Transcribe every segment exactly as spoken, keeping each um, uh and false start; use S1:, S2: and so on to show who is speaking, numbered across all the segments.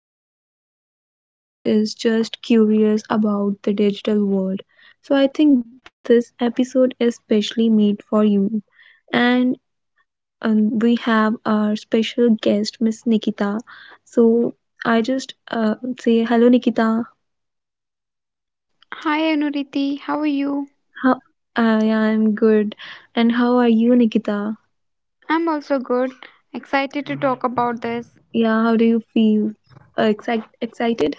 S1: owner, or someone who is just curious about the digital world, so I think this episode is specially made for you. And and we have our special guest, Miss Nikita. So I just uh, say hello, Nikita.
S2: Hi Anuriti, how are you?
S1: How? Uh, yeah, I'm good. And how are you, Nikita?
S2: I'm also good. Excited to talk about this.
S1: Yeah, how do you feel? Uh, excite- excited?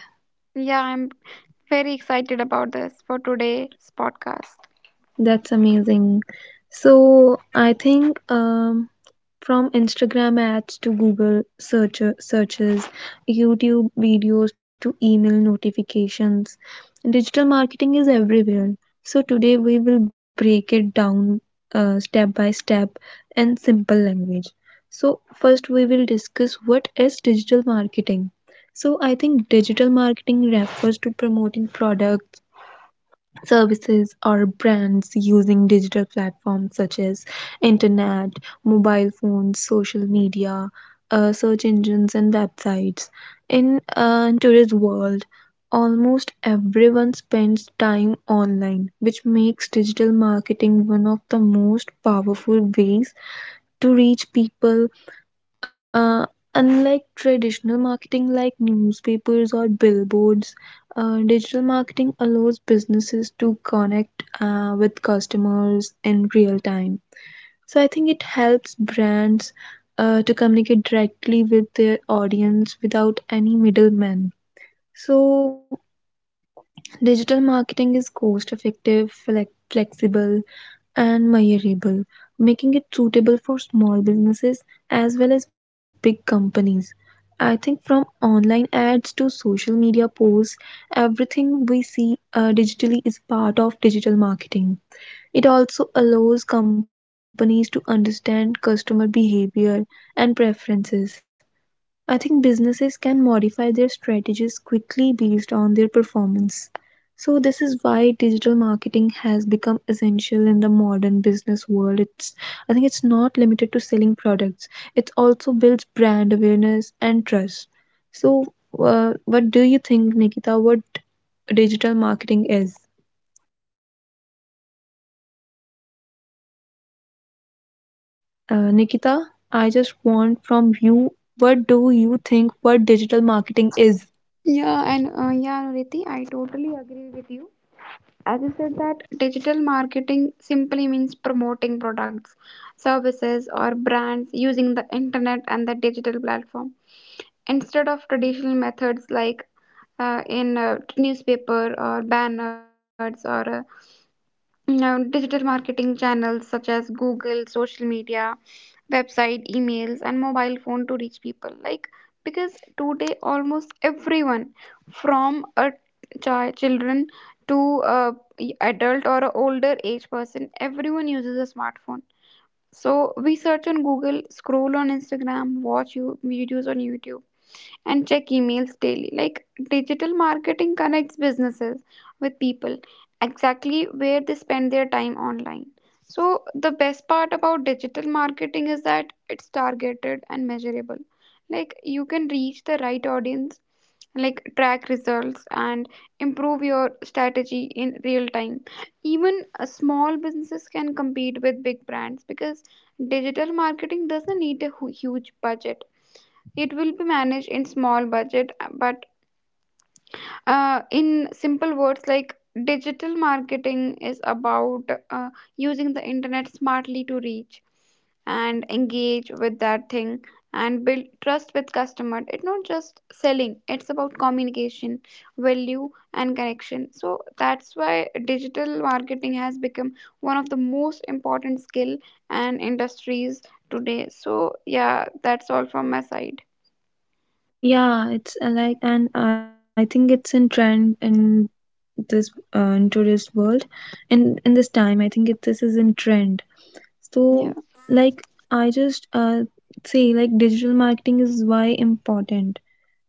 S2: Yeah, I'm very excited about this for today's podcast.
S1: That's amazing. So I think um, from Instagram ads to Google search- searches, YouTube videos to email notifications, digital marketing is everywhere. So, today we will break it down uh, step by step in simple language. So, first we will discuss what is digital marketing. So, I think digital marketing refers to promoting products services or brands using digital platforms such as internet, mobile phones, social media, uh, search engines, and websites. In uh, today's world, almost everyone spends time online, which makes digital marketing one of the most powerful ways to reach people uh, unlike traditional marketing like newspapers or billboards, uh, digital marketing allows businesses to connect uh, with customers in real time. So I think it helps brands uh, to communicate directly with their audience without any middlemen. So digital marketing is cost effective, flex- flexible, and measurable, making it suitable for small businesses as well as big companies. I think from online ads to social media posts, everything we see uh, digitally is part of digital marketing. It also allows companies to understand customer behavior and preferences. I think businesses can modify their strategies quickly based on their performance. So, this is why digital marketing has become essential in the modern business world. It's, I think, it's not limited to selling products, it also builds brand awareness and trust. So, uh, what do you think, Nikita? What digital marketing is? Uh, Nikita, I just want from you what do you think what digital marketing is?
S2: Yeah, and uh, yeah, Anuriti, I totally agree with you. As you said that digital marketing simply means promoting products, services or brands using the internet and the digital platform instead of traditional methods like uh, in uh, newspaper or banners or uh, Mm, Now, digital marketing channels such as Google, social media, website, emails, and mobile phone to reach people. Like, because today almost everyone, from a chi- children to a adult or a older age person, everyone uses a smartphone. So we search on Google, scroll on Instagram, watch you videos on YouTube and check emails daily. Like digital marketing connects businesses with people exactly where they spend their time online. So the best part about digital marketing is that it's targeted and measurable. Like, you can reach the right audience, like, track results, and improve your strategy in real time. Even uh, small businesses can compete with big brands because digital marketing doesn't need a hu- huge budget. It will be managed in small budget uh, but uh, in simple words, like digital marketing is about uh, using the internet smartly to reach and engage with that thing and build trust with customer. It's not just selling, it's about communication, value and connection. So that's why digital marketing has become one of the most important skill and industries today. So yeah, that's all from my side.
S1: Yeah, it's uh, like, and I think it's in trend in this uh, in today's world, in in this time, I think it, this is in trend. So,
S2: Yeah.
S1: like, I just uh say like digital marketing is why important.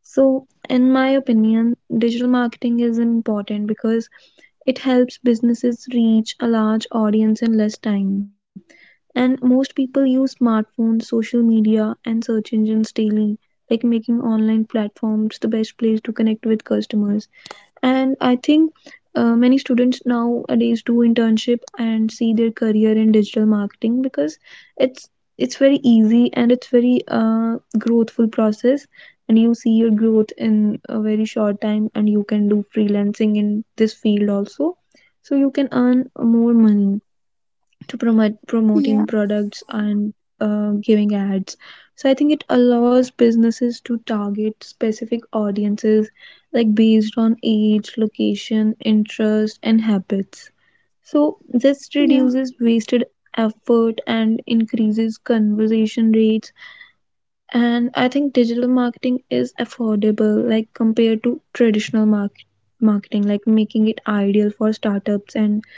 S1: So, in my opinion, digital marketing is important because it helps businesses reach a large audience in less time and most people use smartphones, social media, and search engines daily, like making online platforms the best place to connect with customers. And I think uh, many students nowadays do internship and see their career in digital marketing because it's it's very easy and it's very uh, growthful process, and you see your growth in a very short time and you can do freelancing in this field also, so you can earn more money to promote
S2: Yeah.
S1: promoting products and uh, giving ads. So I think it allows businesses to target specific audiences like based on age, location, interest, and habits. So this
S2: Yeah,
S1: reduces wasted effort and increases conversion rates. And I think digital marketing is affordable like compared to traditional market, marketing, like making it ideal for startups and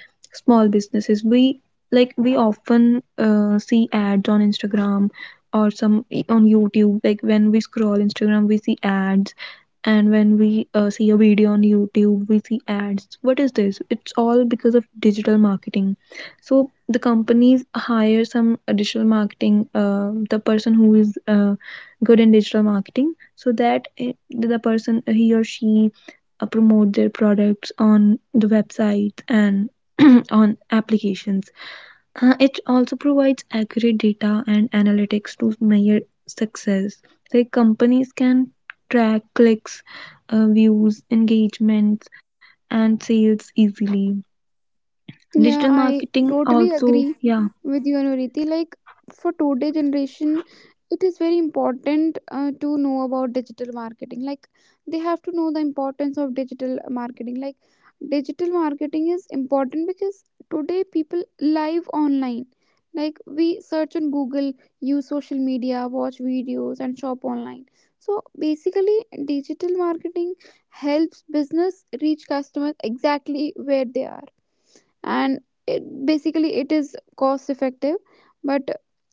S1: small businesses. We like we often uh, see ads on Instagram or some on YouTube. Like when we scroll Instagram, we see ads, and when we uh, see a video on YouTube, we see ads. What is this? It's all because of digital marketing. So the companies hire some uh, digital marketing uh, the person who is uh, good in digital marketing, so that uh, the person he or she uh, promote their products on the website and on applications. Uh, it also provides accurate data and analytics to measure success. Like companies can track clicks, uh, views, engagements, and sales easily. Digital
S2: yeah, I
S1: marketing
S2: totally
S1: also,
S2: agree
S1: yeah,
S2: with you, Anuriti. Like for today generation, it is very important uh, to know about digital marketing. Like they have to know the importance of digital marketing. Like digital marketing is important because today people live online. Like we search on Google, use social media, watch videos, and shop online. So basically, digital marketing helps business reach customers exactly where they are, and it basically it is cost effective, but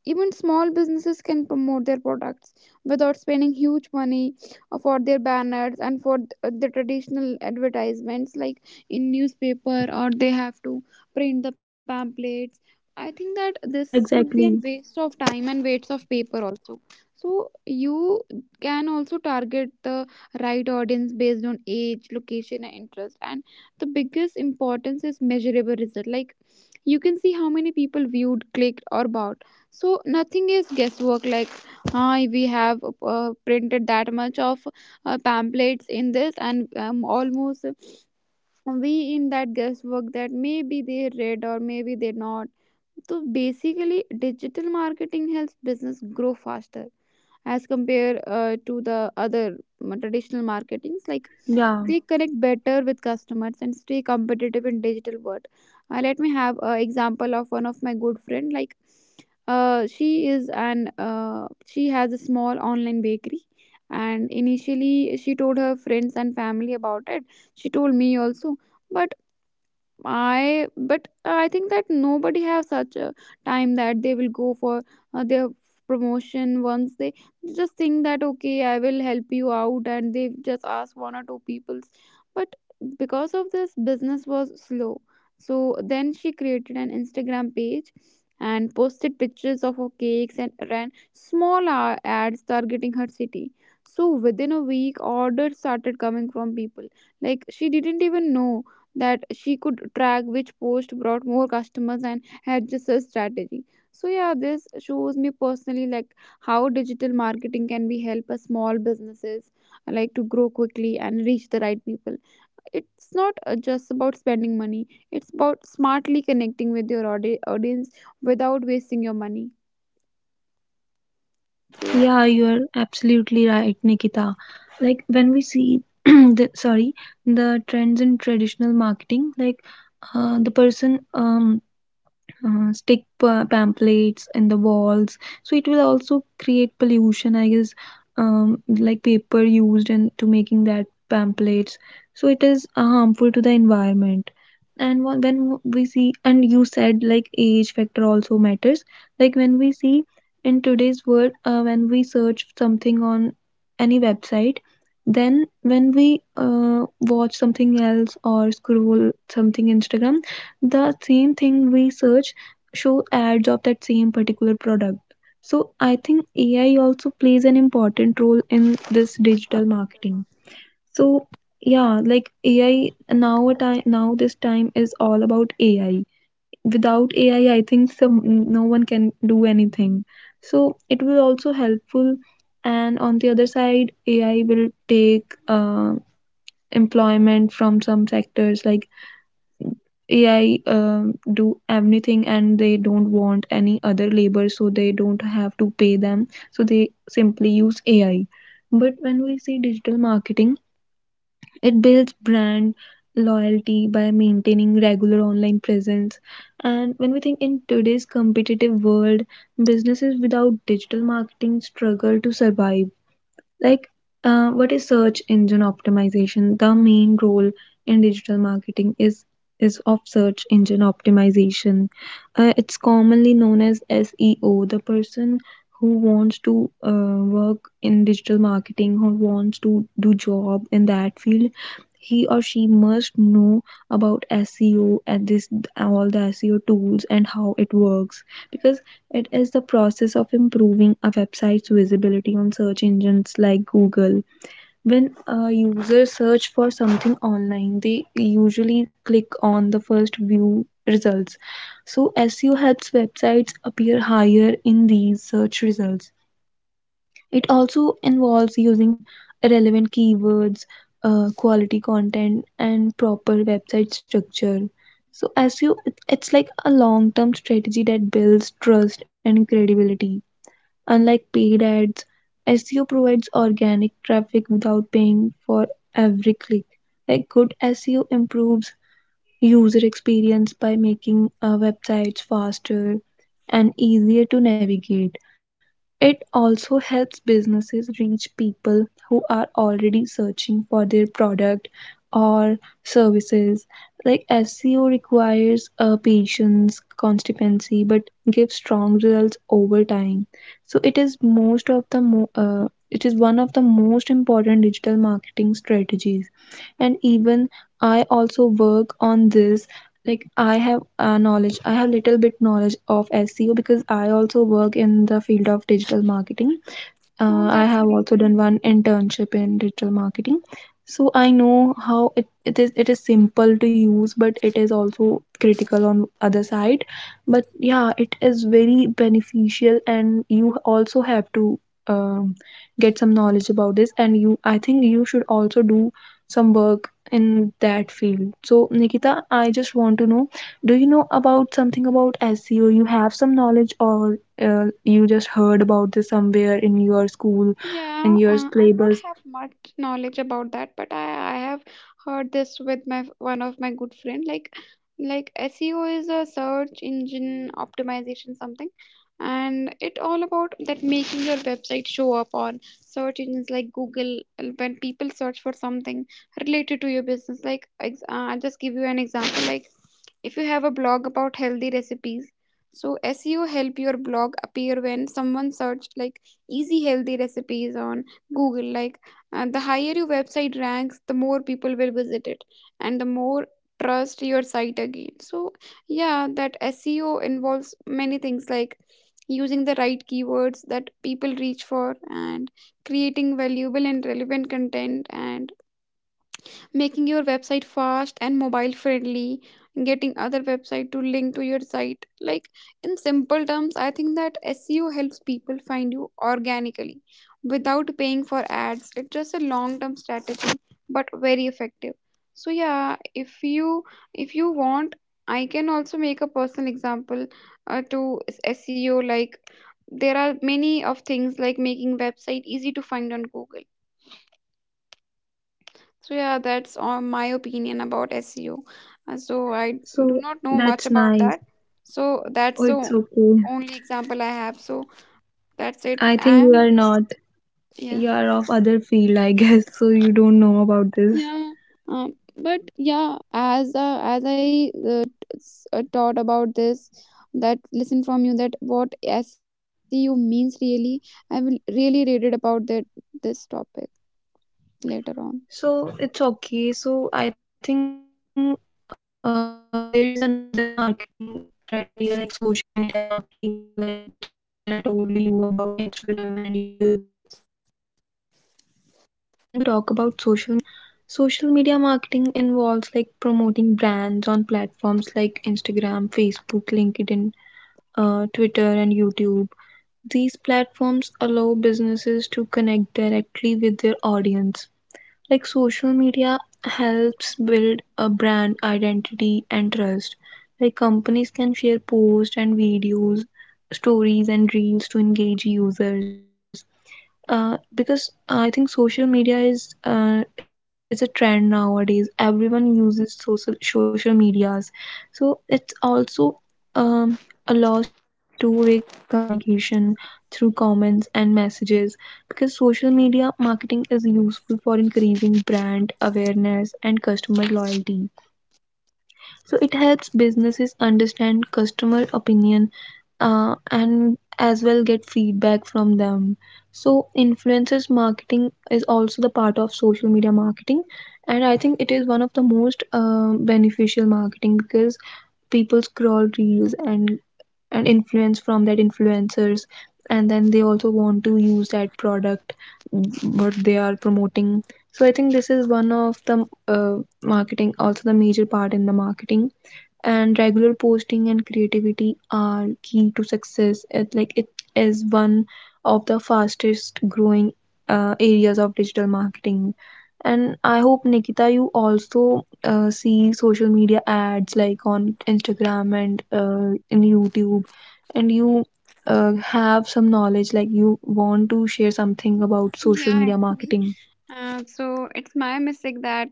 S2: even small businesses can promote their products without spending huge money uh, for their banners and for th- uh, the traditional advertisements like in newspaper, or they have to print the pamphlets. I think that this
S1: yeah,
S2: could be a
S1: exactly.
S2: waste of time and waste of paper also. So you can also target the right audience based on age, location and interest, and the biggest importance is measurable result. Like, you can see how many people viewed, clicked or bought, so nothing is guesswork. Like, ah, we have uh, printed that much of uh, pamphlets in this and um, almost we in that guesswork that maybe they read or maybe they not. So basically digital marketing helps business grow faster as compared uh, to the other um, traditional marketings. Like
S1: Yeah,
S2: they connect better with customers and stay competitive in digital world. Uh, let me have an example of one of my good friend. Like, uh, she is an uh, she has a small online bakery, and initially she told her friends and family about it. She told me also, but I but uh, I think that nobody have such a time that they will go for uh, their promotion. Once they just think that okay, I will help you out, and they just ask one or two peoples, but because of this business was slow. So then she created an Instagram page and posted pictures of her cakes and ran small a- ads targeting her city. So within a week, orders started coming from people like she didn't even know, that she could track which post brought more customers and had just a strategy. So yeah, this shows me personally, like how digital marketing can be help a small businesses, like to grow quickly and reach the right people. It's not uh, just about spending money, it's about smartly connecting with your audi- audience without wasting your money. So yeah.
S1: yeah, you're absolutely right, Nikita. Like when we see the sorry, the trends in traditional marketing, like uh, the person um uh, stick pa- pamphlets in the walls, so it will also create pollution, I guess. Um, like paper used in to making that pamphlets, so it is uh, harmful to the environment. And wha- when we see, and you said like age factor also matters. Like when we see in today's world, uh, when we search something on any website, then when we uh, watch something else or scroll something Instagram, the same thing we search show ads of that same particular product. So I think AI also plays an important role in this digital marketing. So yeah, like AI, now a time, now this time is all about AI. Without AI, I think some no one can do anything. So it will also helpful. And on the other side, AI will take uh, employment from some sectors. Like A I um, do everything, and they don't want any other labor, so they don't have to pay them. So they simply use A I. But when we see digital marketing, it builds brand loyalty by maintaining regular online presence. And when we think in today's competitive world, businesses without digital marketing struggle to survive. Like, uh, what is search engine optimization? The main role in digital marketing is is of search engine optimization. Uh, it's commonly known as S E O. The person who wants to uh, work in digital marketing or wants to do job in that field, he or she must know about S E O and this all the S E O tools and how it works, because it is the process of improving a website's visibility on search engines like Google. When a user search for something online, they usually click on the first view results. So S E O helps websites appear higher in these search results. It also involves using relevant keywords, uh, quality content, and proper website structure. So S E O, it's like a long-term strategy that builds trust and credibility. Unlike paid ads, S E O provides organic traffic without paying for every click. Like good S E O improves user experience by making uh, websites faster and easier to navigate. It also helps businesses reach people who are already searching for their product or services. Like S E O requires uh, patience, consistency, but gives strong results over time. So it is most of the mo- uh, it is one of the most important digital marketing strategies. And even I also work on this. Like I have uh, knowledge i have little bit knowledge of SEO because I also work in the field of digital marketing. uh,
S2: Oh,
S1: I
S2: that's
S1: have
S2: great,
S1: also done one
S2: Anirudh.
S1: internship in digital marketing. So I know how it, it is it is simple to use, but it is also critical on other side. But yeah, it is very beneficial and you also have to um, get some knowledge about this. And you, I think you should also do some work in that field. So Nikita, I just want to know, do you know about something about S E O? You have some knowledge or uh, you just heard about this somewhere in your school in
S2: Yeah,
S1: your
S2: uh, I do not
S1: syllabus?
S2: have much knowledge about that, but I, I have heard this with my one of my good friend. Like, like S E O is a search engine optimization something, and it all about that making your website show up on search engines like Google, and when people search for something related to your business. Like, ex- uh, I'll just give you an example. Like, if you have a blog about healthy recipes, so S E O help your blog appear when someone search like easy healthy recipes on Google. Like uh, the higher your website ranks, the more people will visit it, and the more trust your site again. So yeah, that S E O involves many things like using the right keywords that people reach for, and creating valuable and relevant content, and making your website fast and mobile friendly, getting other website to link to your site. Like in simple terms, I think that SEO helps people find you organically without paying for ads. It's just a long term strategy, but very effective. So yeah, if you, if you want, I can also make a personal example uh, to s- SEO. Like, there are many of things like making website easy to find on Google. So yeah, that's all my opinion about S E O. Uh, So I do
S1: So
S2: not know much
S1: that's
S2: about
S1: nice.
S2: that. So that's
S1: Oh, it's
S2: the
S1: okay.
S2: only example I have. So that's it.
S1: I think you
S2: I'm
S1: are not,
S2: yeah
S1: you are of other field, I guess, so you don't know about this.
S2: yeah. Um, but yeah, as uh, as I uh, t- s- uh, taught about this, that listen from you that what S E O means really. I will really read it about that this topic later on.
S1: So it's okay. So I think uh, there is another marketing criteria like social media marketing, like which I when I told you about Instagram and YouTube ads. So when we talk about social media marketing, social media marketing involves like promoting brands on platforms like Instagram, Facebook, LinkedIn, uh, Twitter and YouTube. These platforms allow businesses to connect directly with their audience. Like social media helps build a brand identity and trust. Like companies can share posts and videos, stories and reels to engage users. Uh, because I think social media is uh, it's a trend nowadays. Everyone uses social social medias, so it's also um, allows two-way communication through comments and messages. Because social media marketing is useful for increasing brand awareness and customer loyalty. So it helps businesses understand customer opinion uh, and as well get feedback from them. So, influencers marketing is also the part of social media marketing, and I think it is one of the most um beneficial marketing because people scroll reels and and influence from that influencers, and then they also want to use that product what they are promoting. So, I think this is one of the uh, marketing, also the major part in the marketing, and regular posting and creativity are key to success. It like it is one of the fastest growing uh, areas of digital marketing. And I hope Nikita you also uh, see social media ads like on Instagram and uh, in YouTube, and you uh, have some knowledge like you want to share something about social
S2: Yeah,
S1: media
S2: actually.
S1: marketing.
S2: Uh, so it's my mistake that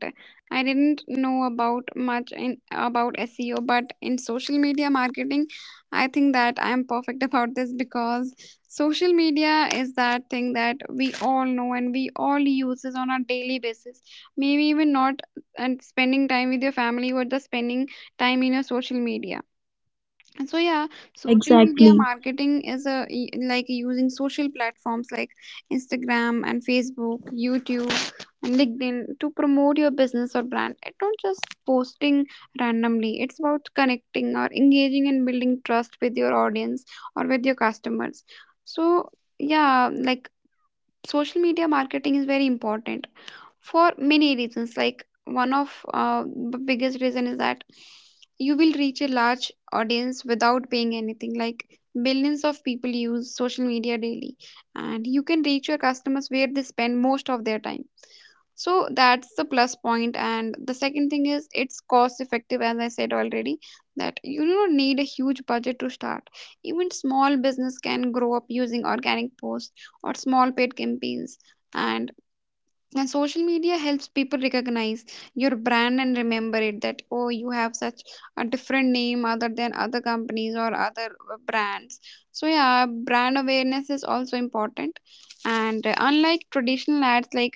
S2: I didn't know about much in about S E O, but in social media marketing, I think that I'm perfect about this because social media is that thing that we all know and we all uses on a daily basis. Maybe even not and spending time with your family, but just spending time in your social media. And so yeah,
S1: Yeah,
S2: social media
S1: exactly.
S2: marketing is a e- like using social platforms like Instagram and Facebook, YouTube and LinkedIn to promote your business or brand. It's not just posting randomly. It's about connecting or engaging and building trust with your audience or with your customers. So yeah, like social media marketing is very important for many reasons. Like one of uh, the biggest reason is that you will reach a large audience without paying anything, like billions of people use social media daily, and you can reach your customers where they spend most of their time. So that's the plus point point. And the second thing is it's cost effective, as I said already, that you don't need a huge budget to start. Even small business can grow up using organic posts or small paid campaigns, and, and social media helps people recognize your brand and remember it, that oh you have such a different name other than other companies or other uh, brands. So yeah, brand awareness is also important. And uh, unlike traditional ads, like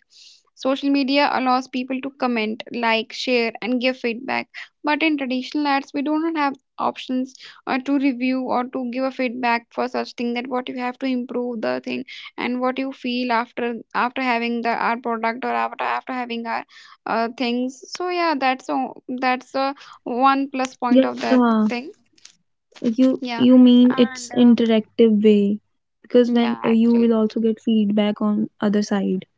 S2: social media allows people to comment, like share and give feedback, but in traditional ads we do not have options or to review or to give a feedback for such thing, that what you have to improve the thing and what you feel after, after having the our product or after after having our uh, things. So yeah, that's a, that's a one plus point of that
S1: Yeah.
S2: thing.
S1: You
S2: Yeah
S1: you mean
S2: and
S1: it's
S2: uh,
S1: interactive way, because
S2: yeah,
S1: when uh, you will
S2: actually.
S1: also get feedback on other side.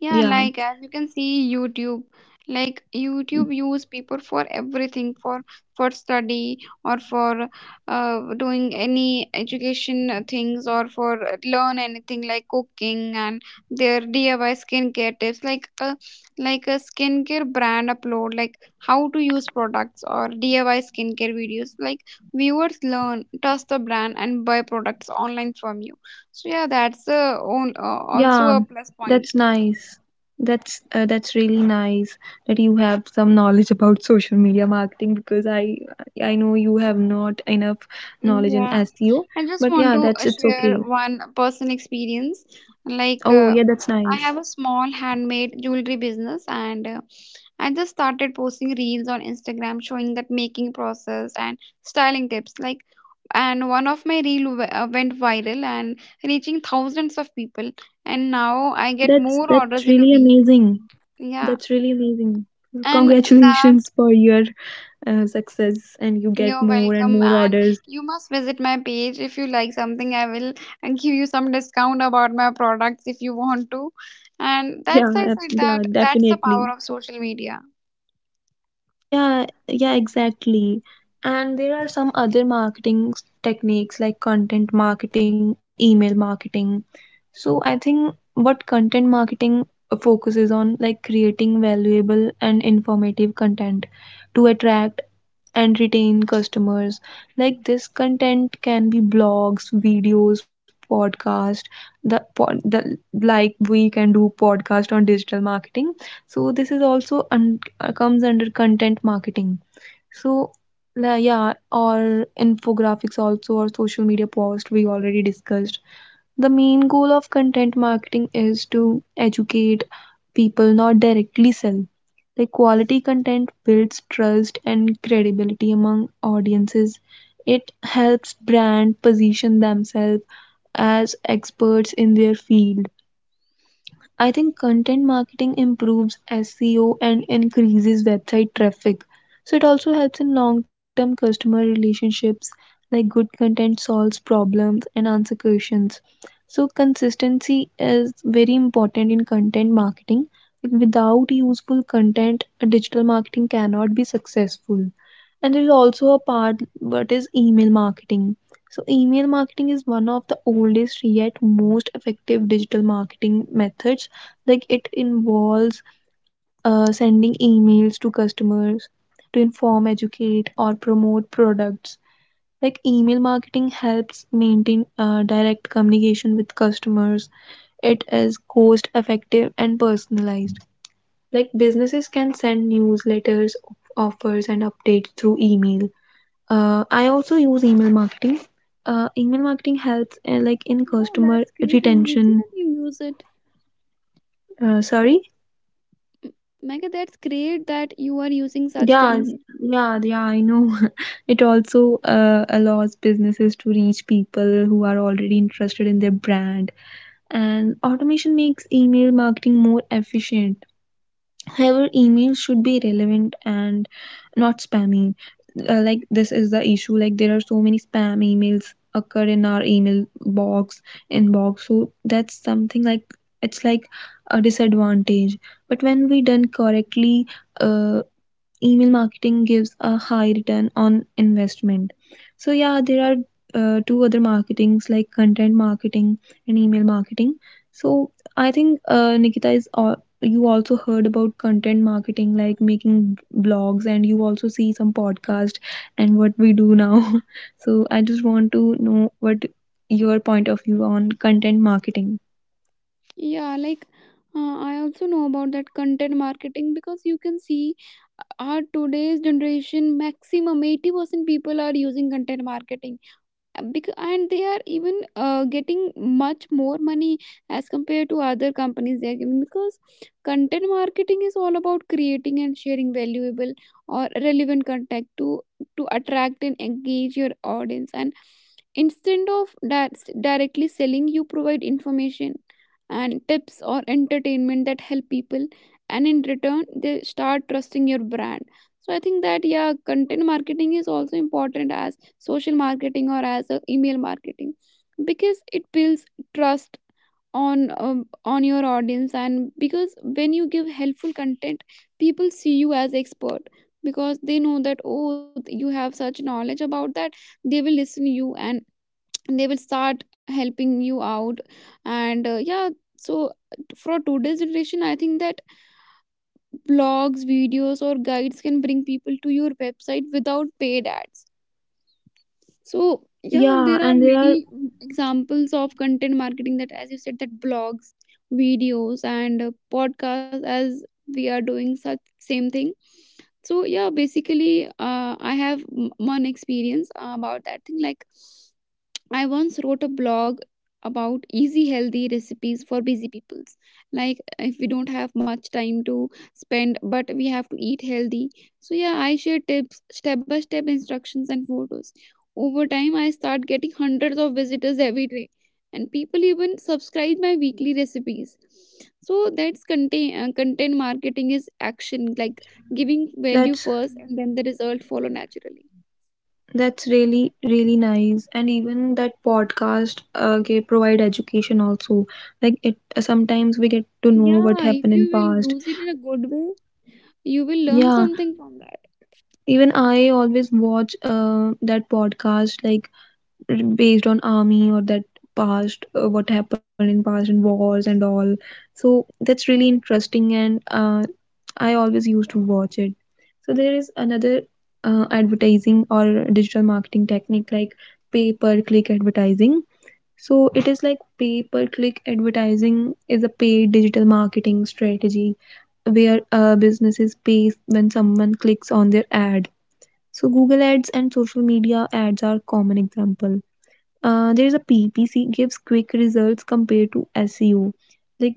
S2: Yeah, like
S1: Yeah.
S2: as you can see, YouTube, like YouTube use people for everything, for for study or for uh, doing any education uh, things, or for uh, learn anything like cooking and their D I Y skincare tips, like a like a skincare brand upload, like how to use products or D I Y skincare videos. Like viewers learn, trust the brand and buy products online from you. So yeah, that's uh, on, uh, also
S1: Yeah,
S2: a plus point.
S1: that's nice. That's uh, that's really nice that you have some knowledge about social media marketing because I I know you have not enough knowledge in
S2: Yeah,
S1: S E O,
S2: I just
S1: but
S2: want
S1: yeah,
S2: to uh,
S1: that's it's
S2: share
S1: okay.
S2: one person experience. Like,
S1: Oh,
S2: uh,
S1: yeah, that's
S2: I
S1: nice.
S2: have a small handmade jewelry business, and uh, I just started posting reels on Instagram showing that making process and styling tips. Like, and one of my reel w- uh, went viral and reaching thousands of people. And now I get
S1: That's
S2: more
S1: that's
S2: orders in a
S1: really
S2: week.
S1: amazing.
S2: Yeah,
S1: That's really amazing.
S2: and that
S1: Congratulations for your uh, success and you get
S2: You're
S1: more and
S2: welcome,
S1: more
S2: and
S1: orders.
S2: you must visit my page if you like something. I will uh, give you some discount about my products if you want to. And
S1: yeah
S2: that's I
S1: uh,
S2: said
S1: yeah
S2: that that's the power
S1: definitely.
S2: of social media.
S1: Yeah, yeah, exactly. And there are some other marketing s- techniques like content marketing, email marketing. So I think what content marketing focuses on, like, creating valuable and informative content to attract and retain customers. Like, this content can be blogs, videos, podcast, the pod, the like, we can do podcast on digital marketing, so this is also un- uh, comes under content marketing. So la- yeah, or infographics also, or social media post, we already discussed. The main goal of content marketing is to educate people, not directly sell. Like, quality content builds trust and credibility among audiences. It helps brand position themselves as experts in their field. I think content marketing improves S E O and increases website traffic. So it also helps in long-term customer relationships, like good content solves problems and answer questions. So consistency is very important in content marketing. Like, without useful content, digital marketing cannot be successful. And there is also a part, what is email marketing. So email marketing is one of the oldest yet most effective digital marketing methods. Like, it involves uh, sending emails to customers to inform, educate, or promote products. Like, email marketing helps maintain uh, direct communication with customers. It is cost effective and personalized. Like, businesses can send newsletters, offers, and updates through email. uh, I also use email marketing. Uh, email marketing helps uh, like in
S2: Oh,
S1: customer
S2: that's great. And you
S1: retention.
S2: use it.
S1: Uh, sorry.
S2: M- Mega, that's great that you are using such
S1: Yeah,
S2: things.
S1: yeah, yeah, I know. It also uh, allows businesses to reach people who are already interested in their brand, and automation makes email marketing more efficient. However, emails should be relevant and not spammy. Uh, like, this is the issue. Like, there are so many spam emails occur in our email box inbox. So that's something, like, it's like a disadvantage. But when we done correctly, uh, email marketing gives a high return on investment. So yeah, there are uh, two other marketings, like content marketing and email marketing. So I think, uh, Nikita, is all. You also heard about content marketing, like making blogs, and you also see some podcast and what we do now. So I just want to know what your point of view on content marketing.
S2: Yeah, like uh, I also know about that content marketing, because you can see uh, our today's generation maximum eighty percent people are using content marketing. Because, and they are even uh, getting much more money as compared to other companies they are giving, because content marketing is all about creating and sharing valuable or relevant content to to attract and engage your audience, and instead of that directly selling, you provide information and tips or entertainment that help people, and in return they start trusting your brand. So I think that, yeah, content marketing is also important as social marketing or as a email marketing, because it builds trust on um, on your audience. And because when you give helpful content, people see you as expert, because they know that, oh, you have such knowledge about that, they will listen to you and they will start helping you out. And uh, yeah. So for today's generation, I think that blogs, videos, or guides can bring people to your website without paid ads. So yeah,
S1: Yeah,
S2: there are
S1: and there are,
S2: many mm, examples of content marketing that, as you said, that blogs, videos, and uh, podcasts, as we are doing such same thing. So yeah, basically, uh, I have m- one experience about that thing. Like, I once wrote a blog about easy healthy recipes for busy peoples. Like, if we don't have much time to spend, but we have to eat healthy. So yeah, I share tips, step by step instructions and photos. Over time I start getting hundreds of visitors every day, and people even subscribe my weekly recipes. So that's content uh, content marketing is action, like giving value
S1: that's
S2: first and then the result follow naturally.
S1: that's really, really nice. And even that podcast uh, gave, provide education also. Like, it sometimes we get to know
S2: Yeah,
S1: what happened
S2: if
S1: in
S2: you
S1: past.
S2: will use it in a good way, you will learn
S1: Yeah,
S2: something from that.
S1: even I always watch uh, that podcast, like based on army or that past, uh, what happened in past and wars and all. So that's really interesting and uh, I always used to watch it. So there is another uh, advertising or digital marketing technique like pay per click advertising. So it is like pay per click advertising is a paid digital marketing strategy where uh, businesses pay when someone clicks on their ad. So Google ads and social media ads are common example. Uh, there is a P P C gives quick results compared to S E O. Like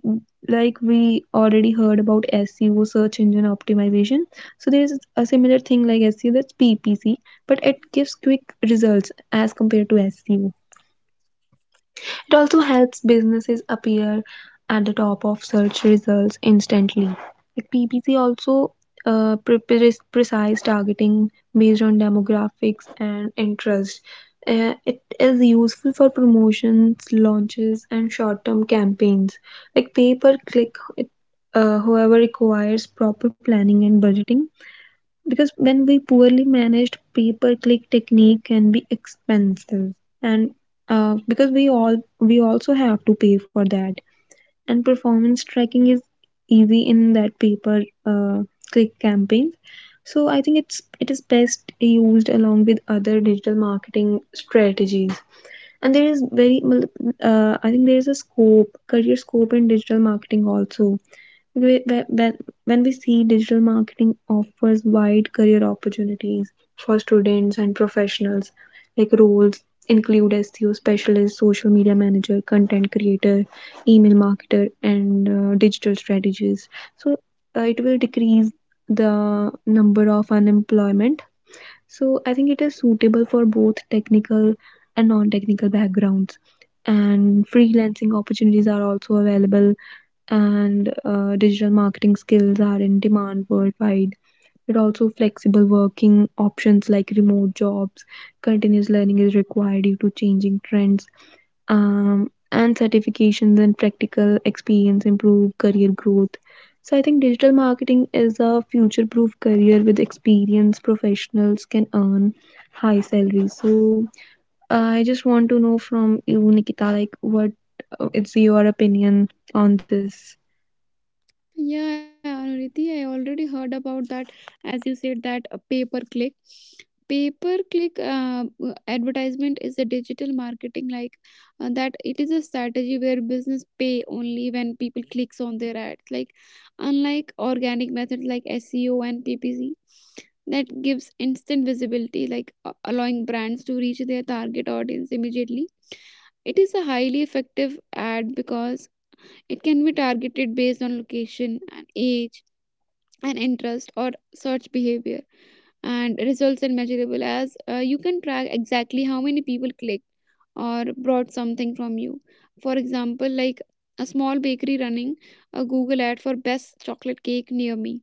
S1: like we already heard about S E O, search engine optimization. So there is a similar thing like S E O, that's P P C, but it gives quick results as compared to S E O. It also helps businesses appear at the top of search results instantly. Like, P P C also uh, pre- pre- precise targeting based on demographics and interest. Uh, it is useful for promotions, launches, and short-term campaigns. Like pay per click, it, uh, however, requires proper planning and budgeting because when we poorly managed pay-per-click technique can be expensive, and uh, because we all we also have to pay for that. And performance tracking is easy in that paper uh, click campaigns. So I think it's it is best used along with other digital marketing strategies. And there is very, uh, I think there is a scope, career scope in digital marketing also. we- we- when when we see, digital marketing offers wide career opportunities for students and professionals. Like, roles include seo specialist, social media manager, content creator, email marketer, and uh, digital strategist. So uh, it will decrease the number of unemployment. So I think it is suitable for both technical and non-technical backgrounds, and freelancing opportunities are also available, and uh, digital marketing skills are in demand worldwide. But also, flexible working options like remote jobs, continuous learning is required due to changing trends, um, and certifications and practical experience improve career growth. So, I think digital marketing is a future proof career. With experience, professionals can earn high salaries. So, I just want to know from you, Nikita, like what, uh, it's your opinion on this?
S2: Yeah, Anuriti, I already heard about that. As you said that uh, pay per click, pay per click uh, advertisement is a digital marketing, like uh, that it is a strategy where business pay only when people clicks on their ads. Like, unlike organic methods like S E O, and P P C that gives instant visibility, like uh, allowing brands to reach their target audience immediately. It is a highly effective ad because it can be targeted based on location and age and interest or search behavior, and results are measurable as uh, you can track exactly how many people clicked or brought something from you. For example, like, a small bakery running a Google ad for best chocolate cake near me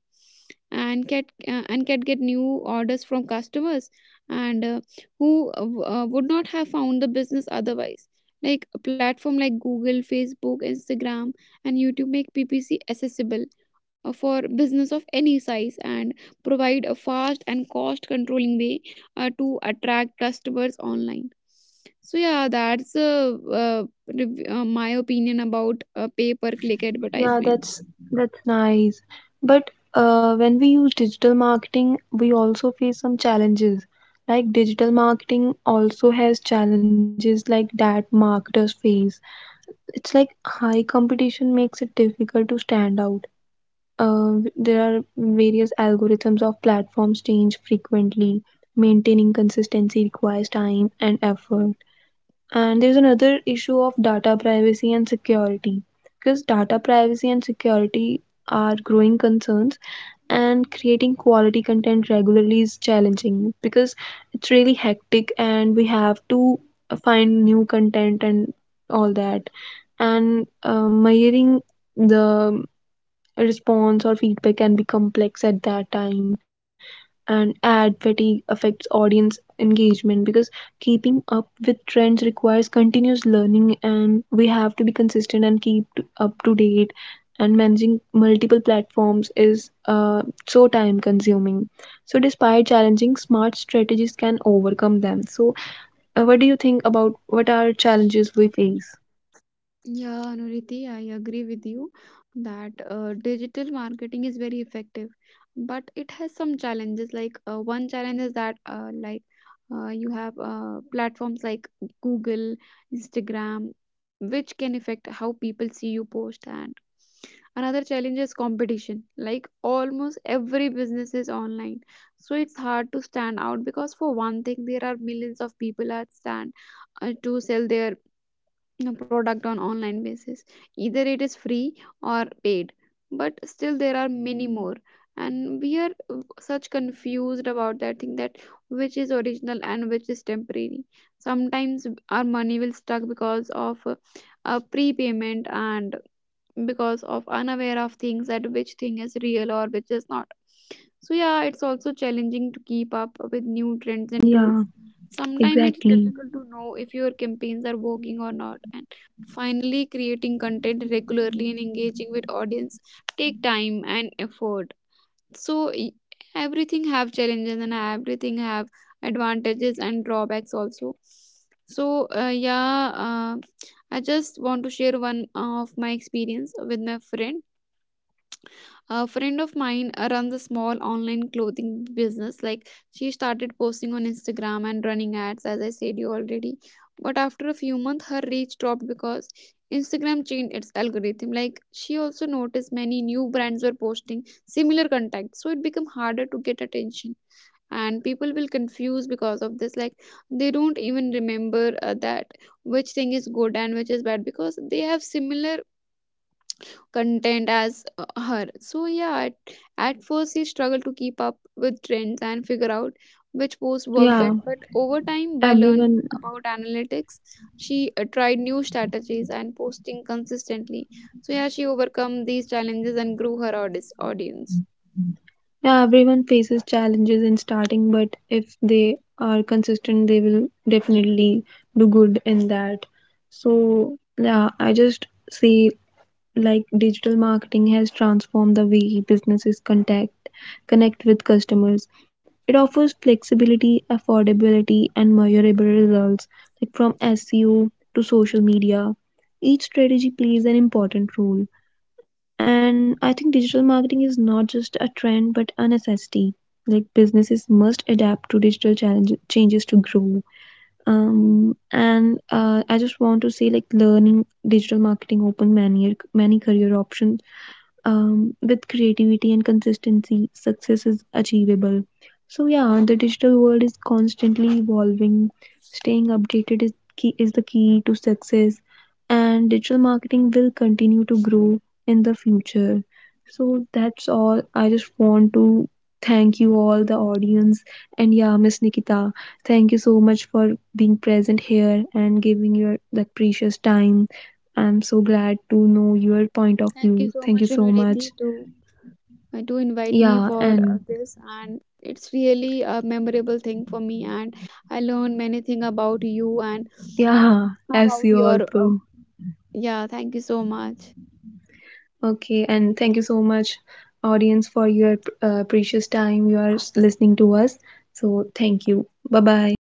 S2: and get uh, and can get new orders from customers, and uh, who uh, w- uh, would not have found the business otherwise. Like a platform like Google, Facebook, Instagram, and YouTube make P P C accessible uh, for business of any size, and provide a fast and cost controlling way uh, to attract customers online. So yeah, that's uh, uh, rev- uh, my opinion about uh, pay per click
S1: Yeah,
S2: advertisements.
S1: that's that's nice. But uh, when we use digital marketing, we also face some challenges. Like, digital marketing also has challenges like that marketers face. It's like high competition makes it difficult to stand out. Uh, there are various algorithms of platforms change frequently. Maintaining consistency requires time and effort. And there's another issue of data privacy and security, because data privacy and security are growing concerns. And creating quality content regularly is challenging because it's really hectic and we have to uh, find new content and all that. And uh, measuring the response or feedback can be complex at that time. And ad fatigue affects audience engagement, because keeping up with trends requires continuous learning, and we have to be consistent and keep t- up to date. And managing multiple platforms is uh, so time consuming. So despite challenging, smart strategies can overcome them. So uh, what do you think about what are challenges we face?
S2: Yeah, Anuriti, I agree with you that uh, digital marketing is very effective, but it has some challenges. Like, uh, one challenge is that, uh, like uh, you have uh, platforms like Google, Instagram, which can affect how people see you post. And another challenge is competition. Like, almost every business is online, so it's hard to stand out, because for one thing, there are millions of people at stand uh, to sell their know, product on online basis, either it is free or paid, but still there are many more. And we are uh, such confused about that thing that which is original and which is temporary. Sometimes our money will stuck because of uh, a prepayment, and because of unaware of things that which thing is real or which is not. So yeah, it's also challenging to keep up with new trends and
S1: Yeah,
S2: tools. Sometimes it's
S1: exactly.
S2: difficult to know if your campaigns are working or not. And finally, creating content regularly and engaging with audience take time and effort. So e- everything have challenges and everything have advantages and drawbacks also. So uh, yeah uh, I just want to share one of my experience with my friend. A friend of mine uh, runs a small online clothing business. Like, she started posting on Instagram and running ads, as I said you already. But after a few months, her reach dropped because Instagram changed its algorithm. Like, she also noticed many new brands were posting similar content, so it became harder to get attention, and people will confuse because of this. Like, they don't even remember uh, that which thing is good and which is bad, because they have similar content as uh, her. So yeah, at, at first she struggled to keep up with trends and figure out which posts work
S1: Yeah,
S2: best, but over time by learning
S1: everyone.
S2: about analytics, she uh, tried new strategies and posting consistently. So yeah, she overcome these challenges and grew her audi- audience.
S1: Yeah, everyone faces challenges in starting, but if they are consistent, they will
S2: Yeah,
S1: definitely do good in that. So, yeah, I just see, like digital marketing has transformed the way businesses contact connect with customers. It offers flexibility, affordability, and measurable results, like from S E O to social media. Each strategy plays an important role. And I think digital marketing is not just a trend but a necessity. Like, businesses must adapt to digital challenges changes to grow. Um, and uh, I just want to say, like, learning digital marketing open many many career options, um, with creativity and consistency, success is achievable. So yeah, the digital world is constantly evolving. Staying updated is key is the key to success, and digital marketing will continue to grow in the future. So that's all. I just want to thank you all, the audience, and yeah, Miss Nikita, thank you so much for being present here and giving your that precious time. I'm so glad to know your point of
S2: thank you
S1: view.
S2: so
S1: Thank you
S2: much,
S1: so much.
S2: Niriti, to uh, to invite me
S1: Yeah,
S2: for
S1: and
S2: uh, this, and it's really a memorable thing for me. And I learned many thing about you and
S1: yeah, as
S2: about
S1: you
S2: your uh,
S1: also.
S2: yeah, thank you so much.
S1: Okay, and thank you so much, audience, for your uh, precious time you are listening to us. So, thank you. Bye bye.